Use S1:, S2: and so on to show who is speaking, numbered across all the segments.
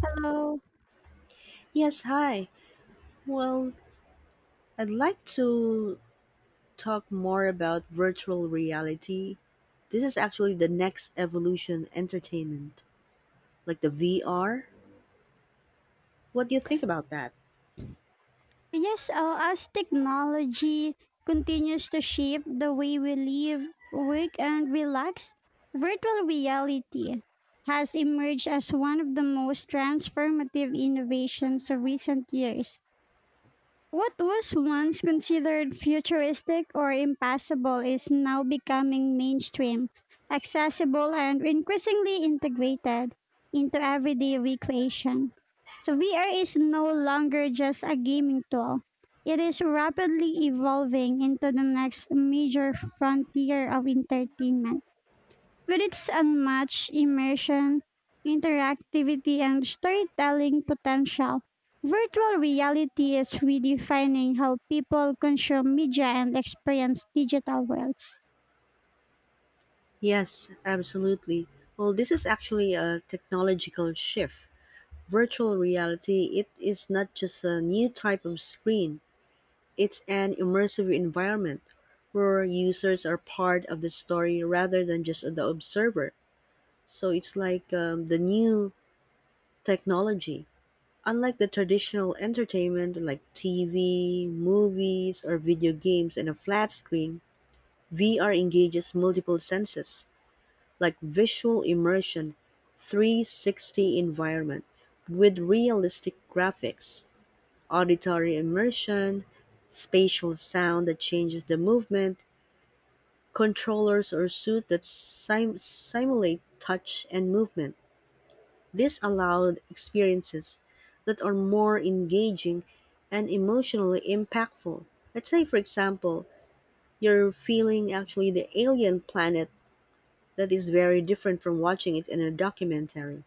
S1: So,
S2: Yes, hi. Well, I'd like to talk more about virtual reality. This is actually the next evolution entertainment, like the VR. What do you think about that?
S1: yes, as technology continues to shape the way we live, work, and relax, virtual reality has emerged as one of the most transformative innovations of recent years. What was once considered futuristic or impossible is now becoming mainstream, accessible, and increasingly integrated into everyday recreation. So, VR is no longer just a gaming tool, it is rapidly evolving into the next major frontier of entertainment. With its unmatched immersion, interactivity, and storytelling potential, virtual reality is redefining how people consume media and experience digital worlds.
S2: Yes, absolutely. Well, this is actually a technological shift. Virtual reality, it is not just a new type of screen, it's an immersive environment where users are part of the story rather than just the observer. So it's like the new technology, unlike the traditional entertainment like TV, movies, or video games and a flat screen, VR engages multiple senses like visual immersion, 360 environment with realistic graphics, auditory immersion, spatial sound that changes the movement, controllers or suit that simulate touch and movement. This allowed experiences that are more engaging and emotionally impactful. Let's say, for example, you're feeling actually the alien planet that is very different from watching it in a documentary.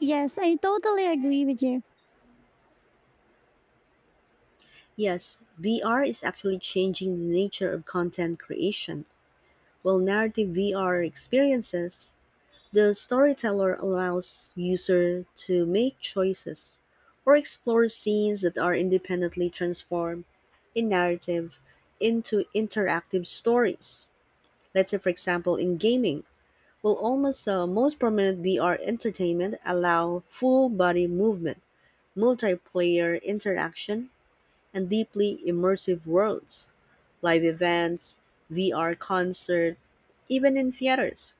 S1: Yes, I totally agree with you.
S2: Yes, VR is actually changing the nature of content creation, while narrative VR experiences, the storyteller allows user to make choices or explore scenes that are independently transformed in narrative into interactive stories. Let's say for example in gaming, will almost most prominent VR entertainment allow full body movement, multiplayer interaction, and deeply immersive worlds, live events, VR concert, even in theaters.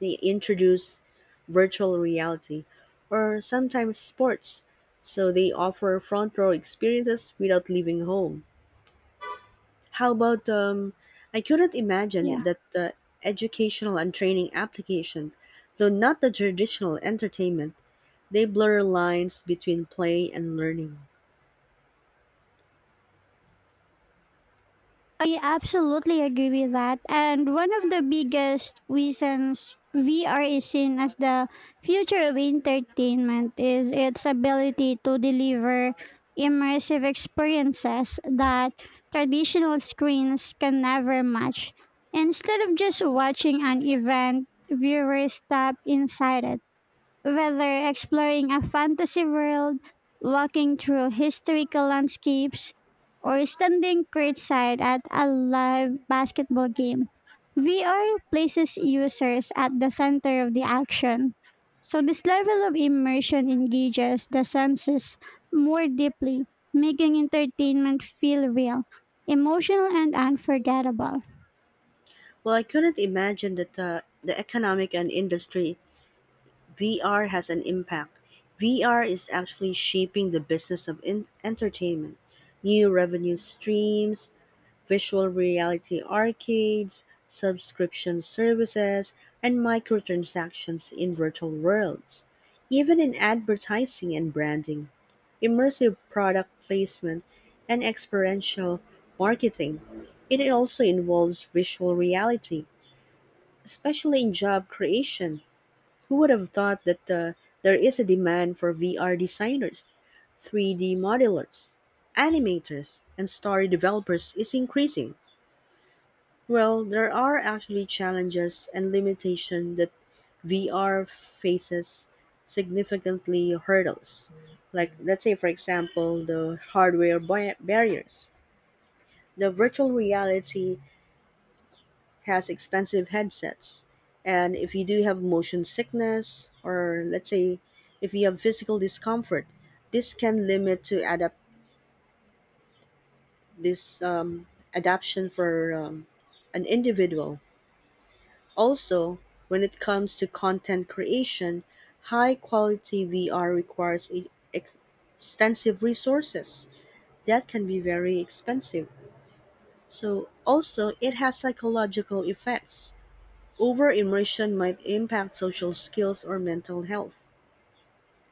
S2: They introduce virtual reality or sometimes sports, so they offer front row experiences without leaving home. How about I couldn't
S1: Yeah.
S2: imagine that the educational and training application, though not the traditional entertainment, they blur lines between play and learning.
S1: I absolutely agree with that. And one of the biggest reasons VR is seen as the future of entertainment is its ability to deliver immersive experiences that traditional screens can never match. Instead of just watching an event, viewers step inside it, whether exploring a fantasy world, walking through historical landscapes, or standing courtside at a live basketball game, VR places users at the center of the action. So, this level of immersion engages the senses more deeply, making entertainment feel real, emotional, and unforgettable.
S2: Well, I couldn't imagine that the economic and industry VR has an impact. VR is actually shaping the business of entertainment. New revenue streams, visual reality arcades, subscription services, and microtransactions in virtual worlds. Even in advertising and branding, immersive product placement, and experiential marketing, it also involves visual reality, especially in job creation. Who would have thought that there is a demand for VR designers, 3D modelers, animators, and story developers is increasing? Well, there are actually challenges and limitations that VR faces significantly hurdles. Like, let's say, for example, the hardware barriers. The virtual reality has expensive headsets. And if you do have motion sickness, or let's say if you have physical discomfort, this can limit to adapt this adaption for an individual. Also, when it comes to content creation, high quality VR requires extensive resources that can be very expensive. So, also, it has psychological effects. Over-immersion might impact social skills or mental health.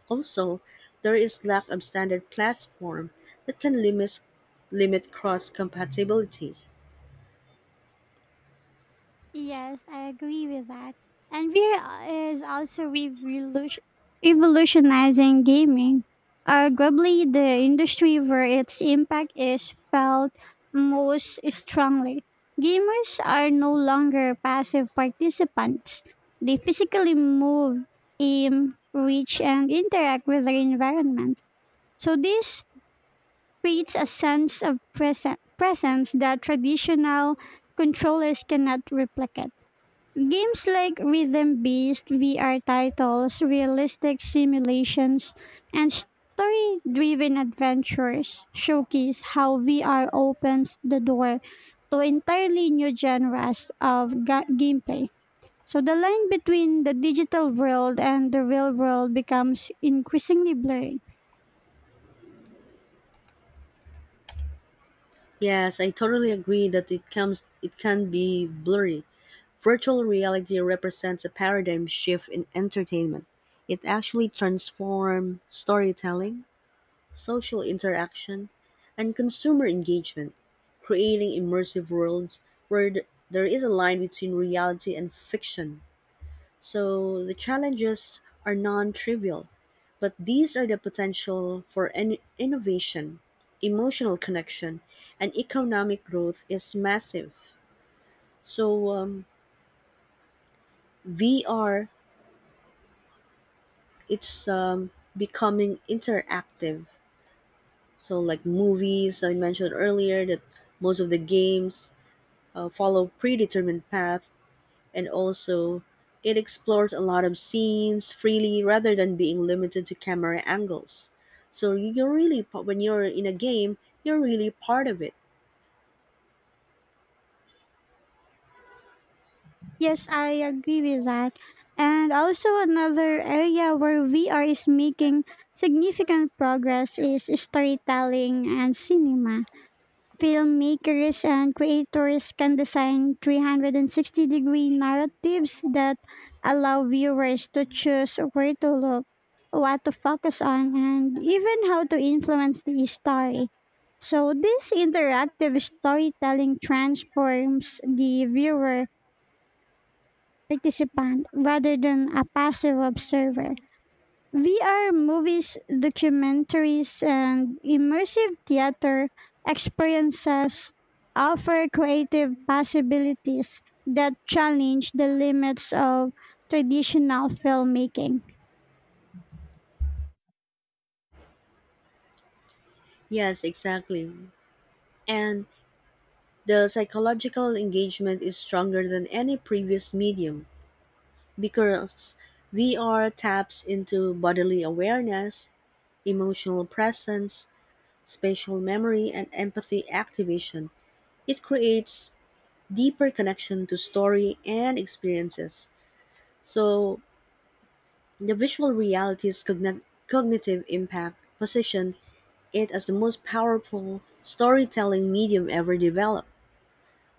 S2: Also, there is lack of standard platform that can limit cross-compatibility.
S1: Yes, I agree with that. And VR is also revolutionizing gaming. Arguably, the industry where its impact is felt most strongly. Gamers are no longer passive participants. They physically move, aim, reach, and interact with their environment. So, this creates a sense of presence that traditional controllers cannot replicate. Games like rhythm based VR titles, realistic simulations, and story driven adventures showcase how VR opens the door to entirely new genres of gameplay. So the line between the digital world and the real world becomes increasingly blurred.
S2: Yes, I totally agree that it comes it can be blurry. Virtual reality represents a paradigm shift in entertainment. It actually transforms storytelling, social interaction, and consumer engagement, creating immersive worlds where there is a line between reality and fiction. So the challenges are non trivial, but these are the potential for an innovation, emotional connection, and economic growth is massive. So VR, it's becoming interactive. So like movies I mentioned earlier, that most of the games follow predetermined path, and also it explores a lot of scenes freely rather than being limited to camera angles, so when you're in a game, you're really part of it.
S1: Yes, I agree with that. And also, another area where VR is making significant progress is storytelling and cinema. Filmmakers and creators can design 360-degree narratives that allow viewers to choose where to look, what to focus on, and even how to influence the story. So this interactive storytelling transforms the viewer participant rather than a passive observer. VR movies, documentaries, and immersive theater experiences offer creative possibilities that challenge the limits of traditional filmmaking.
S2: Yes, exactly. And the psychological engagement is stronger than any previous medium because VR taps into bodily awareness, emotional presence, spatial memory, and empathy activation. It creates deeper connection to story and experiences. So the visual reality's cognitive impact position it as the most powerful storytelling medium ever developed.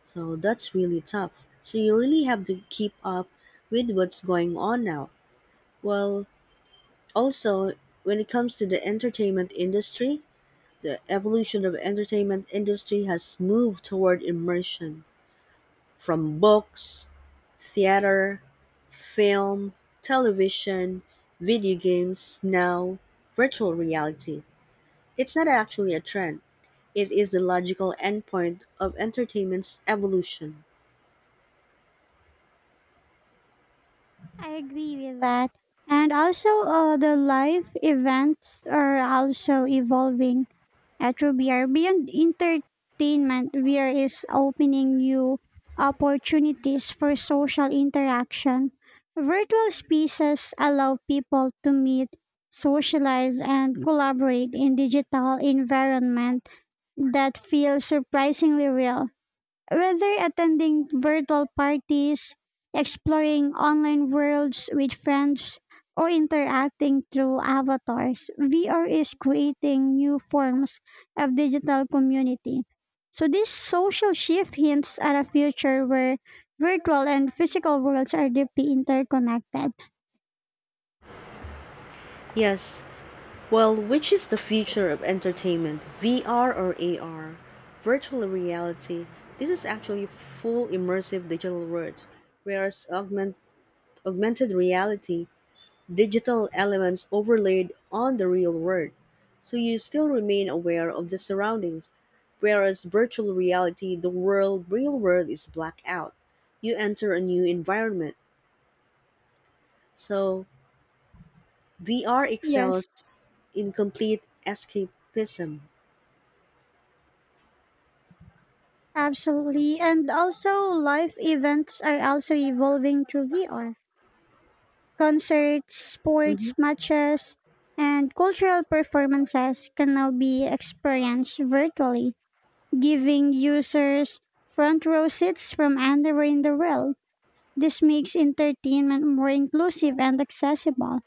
S2: So that's really tough. So you really have to keep up with what's going on now. Well, also when it comes to the entertainment industry, the evolution of entertainment industry has moved toward immersion from books, theater, film, television, video games, now virtual reality. It's not actually a trend. It is the logical endpoint of entertainment's evolution.
S1: I agree with that. And also, the live events are also evolving at Rubier. Beyond entertainment, VR is opening new opportunities for social interaction. Virtual spaces allow people to meet, socialize, and collaborate in digital environment that feel surprisingly real. Whether attending virtual parties, exploring online worlds with friends, or interacting through avatars, VR is creating new forms of digital community. So, this social shift hints at a future where virtual and physical worlds are deeply interconnected.
S2: Yes. Well, which is the future of entertainment? VR or AR? Virtual reality. This is actually full immersive digital world, whereas augmented reality digital elements overlaid on the real world, so you still remain aware of the surroundings. Whereas virtual reality, real world is blacked out. You enter a new environment. So VR
S1: Yes,
S2: excels in complete escapism.
S1: absolutely. And also, live events are also evolving through VR. Concerts, sports
S2: Mhm.
S1: matches, and cultural performances can now be experienced virtually, giving users front row seats from anywhere in the world. This makes entertainment more inclusive and accessible.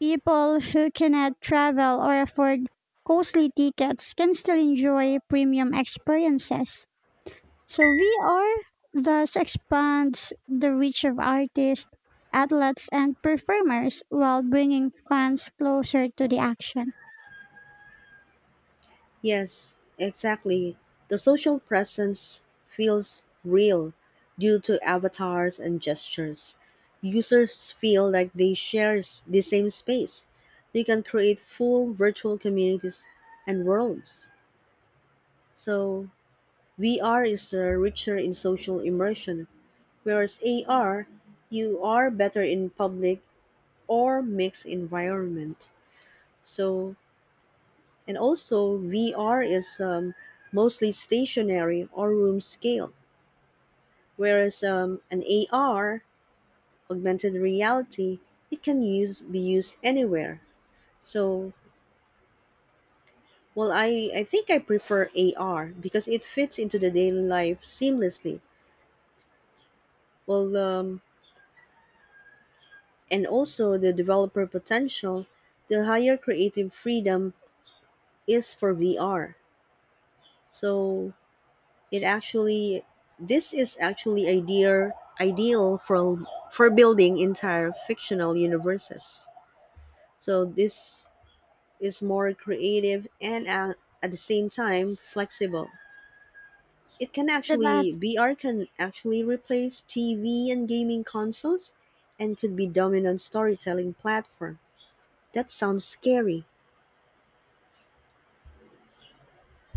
S1: People who cannot travel or afford costly tickets can still enjoy premium experiences. So VR thus expands the reach of artists, athletes, and performers while bringing fans closer to the action.
S2: Yes, exactly. The social presence feels real due to avatars and gestures. Users feel like they the same space. They can create full virtual communities and worlds. So, VR is richer in social immersion, whereas AR, you are better in public or mixed environment. So, and also, VR is mostly stationary or room scale, whereas an AR, augmented reality, it can be used anywhere. So, well, I think I prefer AR because it fits into the daily life seamlessly. Well, and also the developer potential, the higher creative freedom is for VR. So, it actually, this is actually ideal for building entire fictional universes. So this is more creative and at the same time flexible. It can
S1: That
S2: actually VR can actually replace TV and gaming consoles and could be dominant storytelling platform. That sounds scary.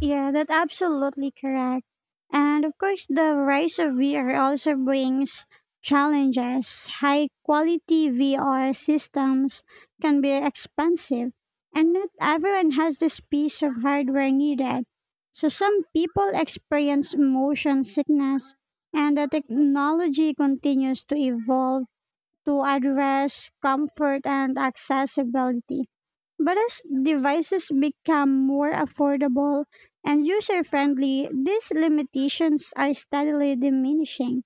S1: Yeah, that's absolutely correct. And of course, the rise of VR also brings challenges. High quality VR systems can be expensive, and not everyone has this piece of hardware needed. So, some people experience motion sickness, and the technology continues to evolve to address comfort and accessibility. But as devices become more affordable and user friendly, these limitations are steadily diminishing.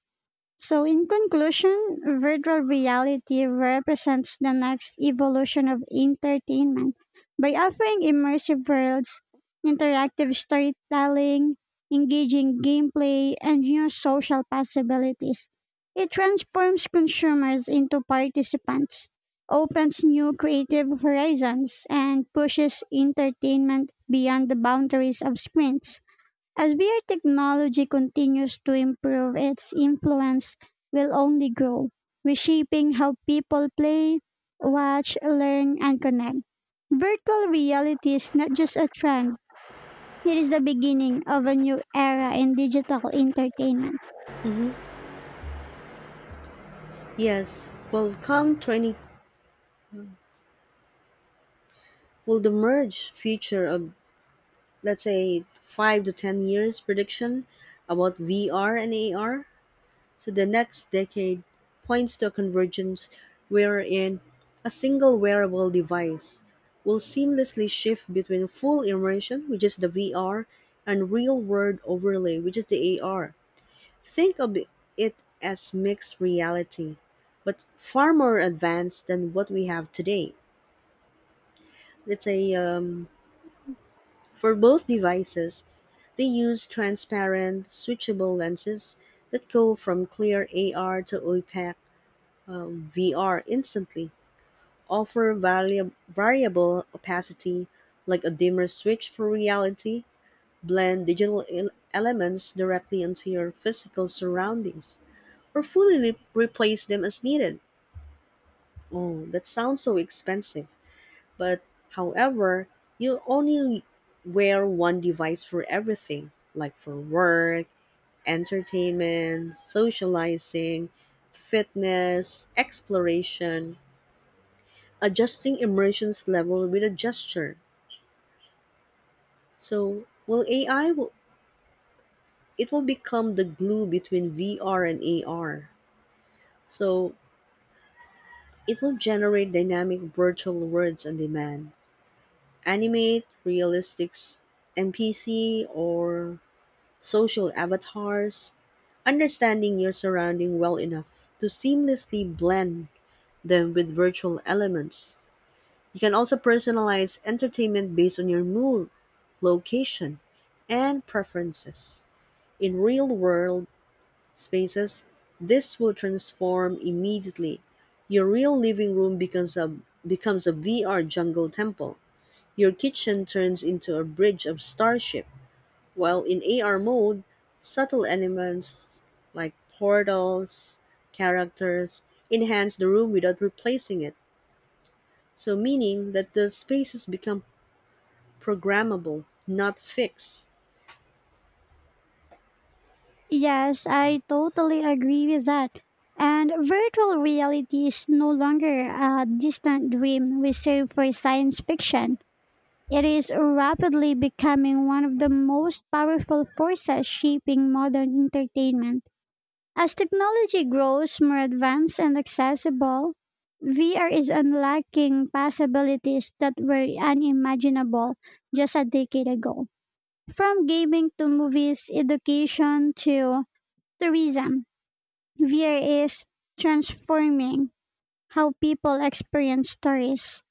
S1: So, in conclusion, virtual reality represents the next evolution of entertainment by offering immersive worlds, interactive storytelling, engaging gameplay, and new social possibilities. It transforms consumers into participants, opens new creative horizons, and pushes entertainment beyond the boundaries of screens. As VR technology continues to improve, its influence will only grow, reshaping how people play, watch, learn, and connect. Virtual reality is not just a trend, it is the beginning of a new era in digital entertainment.
S2: Mm-hmm. Yes. Well, come 20, will the merge future of, let's say, 5 to 10 years prediction about VR and AR. So the next decade points to a convergence wherein a single wearable device will seamlessly shift between full immersion, which is the VR, and real world overlay, which is the AR. Think of it as mixed reality, but far more advanced than what we have today. Let's say for both devices, they use transparent, switchable lenses that go from clear AR to opaque VR instantly, offer variable opacity like a dimmer switch for reality, blend digital elements directly into your physical surroundings, or fully replace them as needed. Oh, that sounds so expensive. But however, you only wear one device for everything, like for work, entertainment, socializing, fitness, exploration, adjusting immersion's level with a gesture. So, will AI will become the glue between VR and AR. So, it will generate dynamic virtual worlds on demand, animate realistic NPC or social avatars, understanding your surrounding well enough to seamlessly blend them with virtual elements. You can also personalize entertainment based on your mood, location, and preferences. In real world spaces, this will transform immediately. Your real living room becomes a VR jungle temple. Your kitchen turns into a bridge of starship while in AR mode, subtle elements like portals, characters, enhance the room without replacing it. So, meaning that the spaces become programmable, not fixed.
S1: Yes, I totally agree with that. And virtual reality is no longer a distant dream reserved for science fiction. It is rapidly becoming one of the most powerful forces shaping modern entertainment. As technology grows more advanced and accessible, VR is unlocking possibilities that were unimaginable just a decade ago. From gaming to movies, education to tourism, VR is transforming how people experience stories,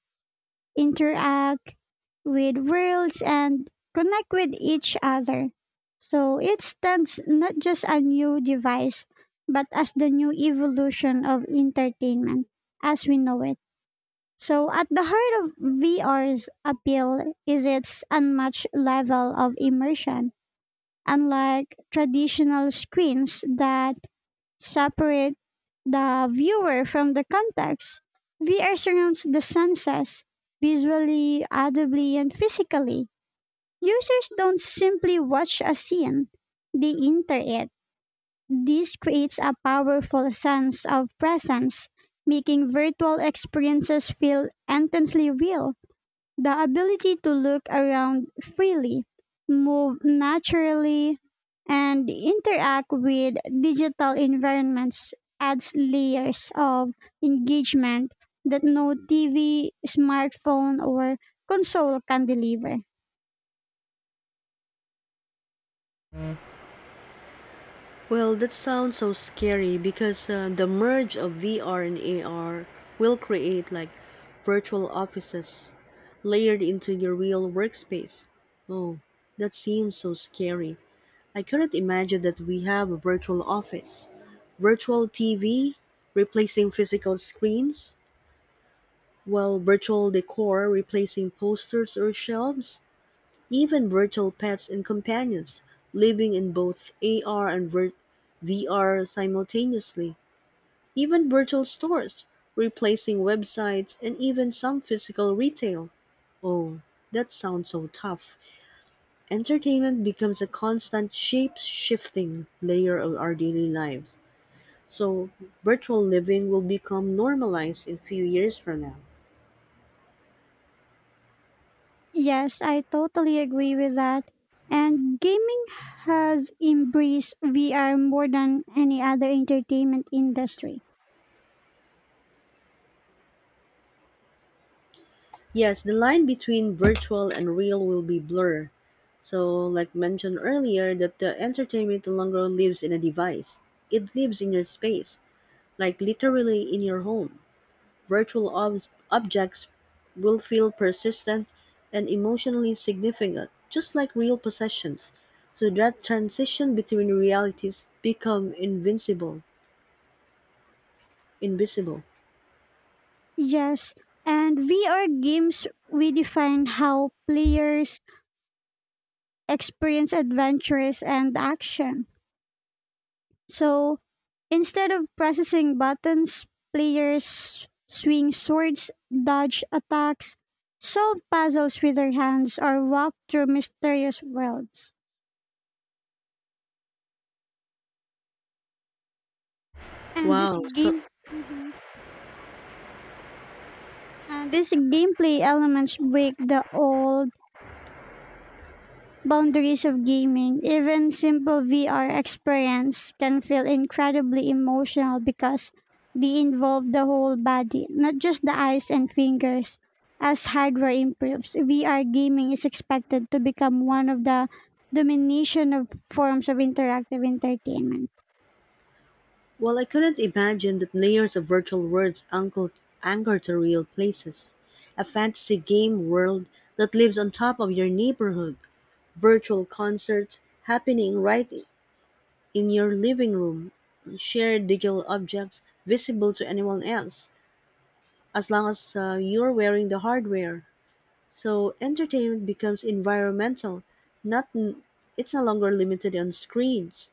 S1: interact with worlds, and connect with each other. So it stands not just a new device, but as the new evolution of entertainment as we know it. So at the heart of VR's appeal is its unmatched level of immersion. Unlike traditional screens that separate the viewer from the context, VR surrounds the senses visually, audibly, and physically. Users don't simply watch a scene, they enter it. This creates a powerful sense of presence, making virtual experiences feel intensely real. The ability to look around freely, move naturally, and interact with digital environments adds layers of engagement that no TV, smartphone, or console can deliver.
S2: Well, that sounds so scary because the merge of VR and AR will create like virtual offices layered into your real workspace. Oh, that seems so scary. I couldn't imagine that we have a virtual office. Virtual TV replacing physical screens, while virtual decor replacing posters or shelves, even virtual pets and companions living in both AR and VR simultaneously, even virtual stores replacing websites and even some physical retail. Oh, that sounds so tough. Entertainment becomes a constant shape-shifting layer of our daily lives. So, virtual living will become normalized in few years from now.
S1: Yes, I totally agree with that. And gaming has embraced VR more than any other entertainment industry.
S2: Yes, the line between virtual and real will be blurred. So, like mentioned earlier, that the entertainment no longer lives in a device. It lives in your space, like literally in your home. Virtual objects will feel persistent and emotionally significant, just like real possessions. So that transition between realities become invincible, invisible.
S1: Yes, and VR games redefine how players experience adventures and action. So instead of pressing buttons, players swing swords, dodge attacks, solve puzzles with their hands, or walk through mysterious worlds. And this
S2: Wow. So,
S1: game, Mhm. And this gameplay elements break the old boundaries of gaming. Even simple VR experience can feel incredibly emotional because they involve the whole body, not just the eyes and fingers. As hardware improves, VR gaming is expected to become one of the domination of forms of interactive entertainment.
S2: well, I couldn't imagine that layers of virtual worlds anchor to real places. A fantasy game world that lives on top of your neighborhood. Virtual concerts happening right in your living room. Share digital objects visible to anyone else, as long as you're wearing the hardware. So entertainment becomes environmental, not n- it's no longer limited on screens.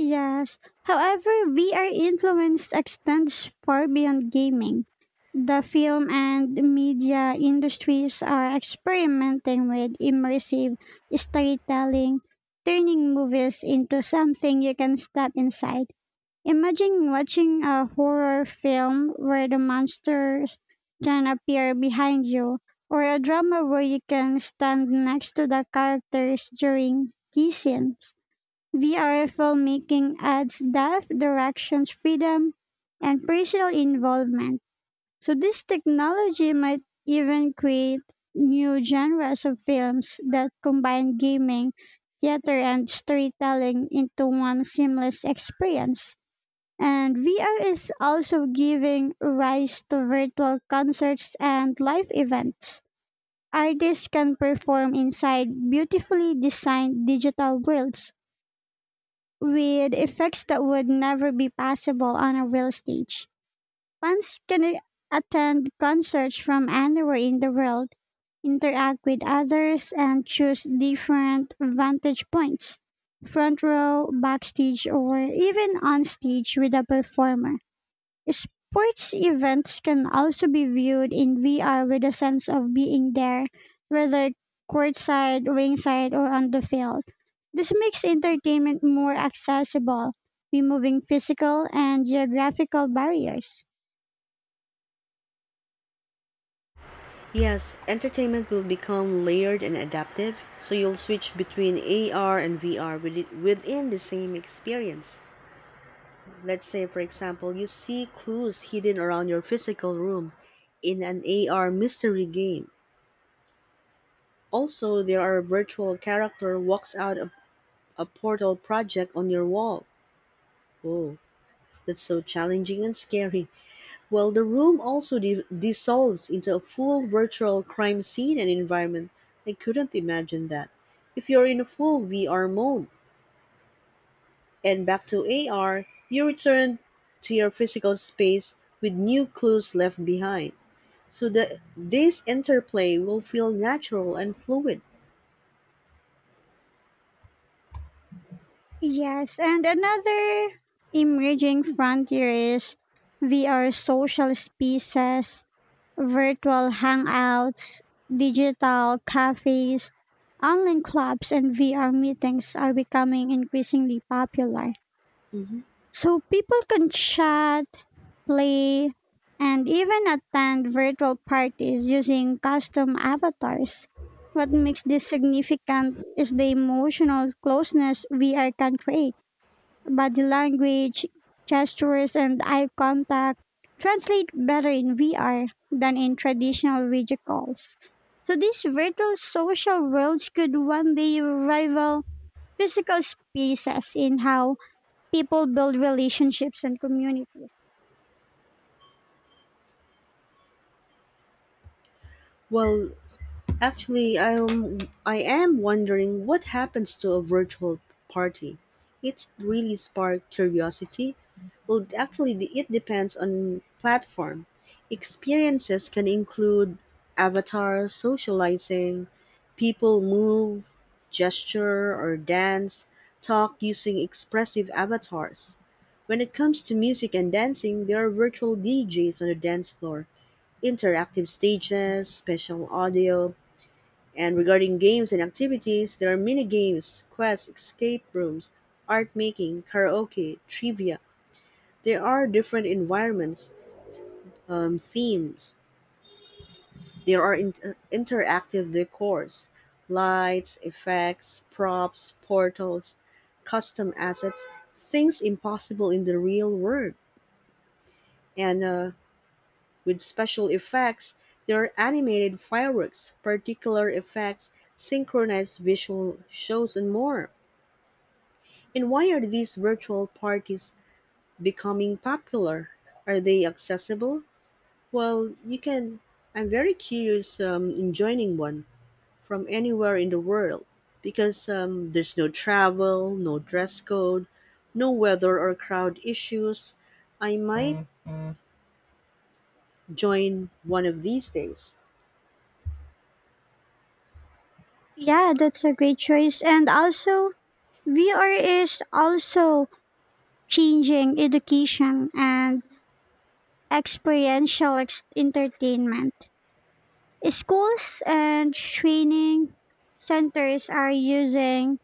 S1: Yes. However, VR influence extends far beyond gaming. The film and media industries are experimenting with immersive storytelling, turning movies into something you can step inside. Imagine watching a horror film where the monsters can appear behind you, or a drama where you can stand next to the characters during key scenes. VR filmmaking adds depth, directions, freedom, and personal involvement. So this technology might even create new genres of films that combine gaming, theater, and storytelling into one seamless experience. And VR is also giving rise to virtual concerts and live events. Artists can perform inside beautifully designed digital worlds with effects that would never be possible on a real stage. Fans can attend concerts from anywhere in the world, interact with others, and choose different vantage points, front row, backstage, or even on stage with a performer. Sports events can also be viewed in VR with a sense of being there, whether courtside, ringside, or on the field. This makes entertainment more accessible, removing physical and geographical barriers.
S2: Yes, entertainment will become layered and adaptive, so you'll switch between AR and VR within the same experience. Let's say, for example, you see clues hidden around your physical room in an AR mystery game. Also, there are virtual character walks out a portal project on your wall. Whoa, that's so challenging and scary. Well, the room also dissolves into a full virtual crime scene and environment. I couldn't imagine that. If you're in a full VR mode and back to AR, you return to your physical space with new clues left behind. So this interplay will feel natural and fluid.
S1: Yes, and another emerging frontier is VR social spaces, virtual hangouts, digital cafes, online clubs, and VR meetings are becoming increasingly popular.
S2: Mhm.
S1: So people can chat, play, and even attend virtual parties using custom avatars. What makes this significant is the emotional closeness VR can create, body language, gestures, and eye contact translate better in VR than in traditional video calls. So these virtual social worlds could one day rival physical spaces in how people build relationships and communities.
S2: Well, actually, I am wondering what happens to a virtual party. It's really sparked curiosity. Well, actually, it depends on platform. Experiences can include avatars, socializing, people move, gesture or dance, talk using expressive avatars. When it comes to music and dancing, there are virtual DJs on the dance floor, interactive stages, special audio, and regarding games and activities, there are mini games, quests, escape rooms, art making, karaoke, trivia. There are different environments, themes. There are interactive decors, lights, effects, props, portals, custom assets, things impossible in the real world. And with special effects, there are animated fireworks, particular effects, synchronized visual shows, and more. And why are these virtual parties becoming popular? Are they accessible? Well, you can. I'm very curious in joining one from anywhere in the world because there's no travel, no dress code, no weather or crowd issues. I might join one of these days.
S1: Yeah, that's a great choice. And also, VR is also changing education and experiential entertainment. Schools and training centers are using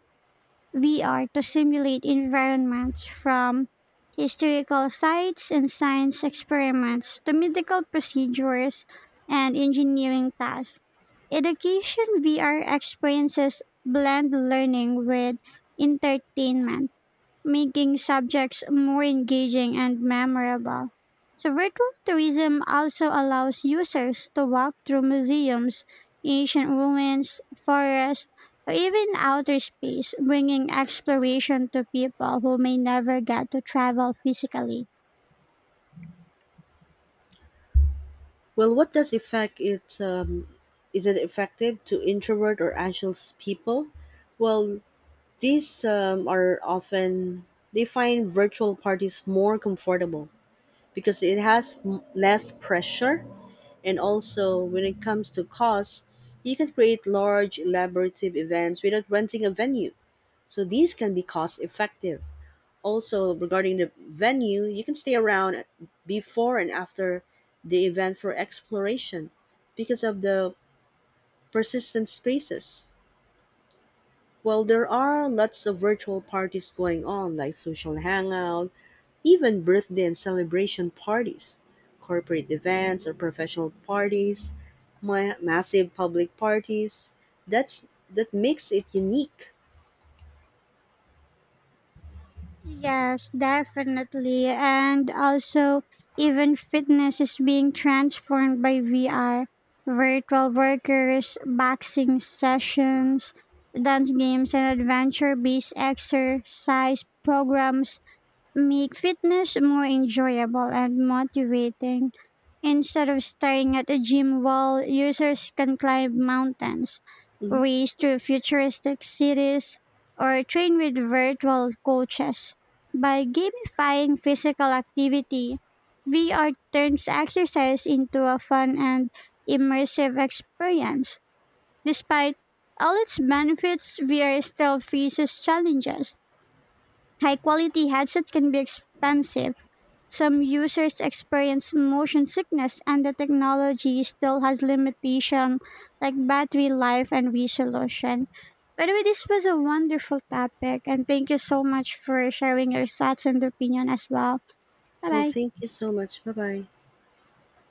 S1: VR to simulate environments from historical sites and science experiments to medical procedures and engineering tasks. Education VR experiences blend learning with entertainment, making subjects more engaging and memorable. So, virtual tourism also allows users to walk through museums, ancient ruins, forests, or even outer space, bringing exploration to people who may never get to travel physically.
S2: Well, what does affect it? Is it effective to introvert or anxious people? Well, these are often they find virtual parties more comfortable because it has less pressure, and also when it comes to costs, you can create large elaborative events without renting a venue. So these can be cost effective. Also regarding the venue, you can stay around before and after the event for exploration because of the persistent spaces. Well, there are lots of virtual parties going on, like social hangout, even birthday and celebration parties, corporate events or professional parties, massive public parties. That makes it unique.
S1: Yes, definitely. And also, even fitness is being transformed by VR. Virtual workers, boxing sessions, dance games, and adventure based exercise programs make fitness more enjoyable and motivating. Instead of staring at a gym wall, users can climb mountains,
S2: Mhm.
S1: race to futuristic cities, or train with virtual coaches. By gamifying physical activity, VR turns exercise into a fun and immersive experience. Despite all its benefits, VR still faces challenges. High quality headsets can be expensive, some users experience motion sickness, and the technology still has limitations like battery life and resolution. By the way, this was a wonderful topic, and thank you so much for sharing your thoughts and opinion as well. Bye
S2: Well,
S1: bye.
S2: thank you so much. Bye bye.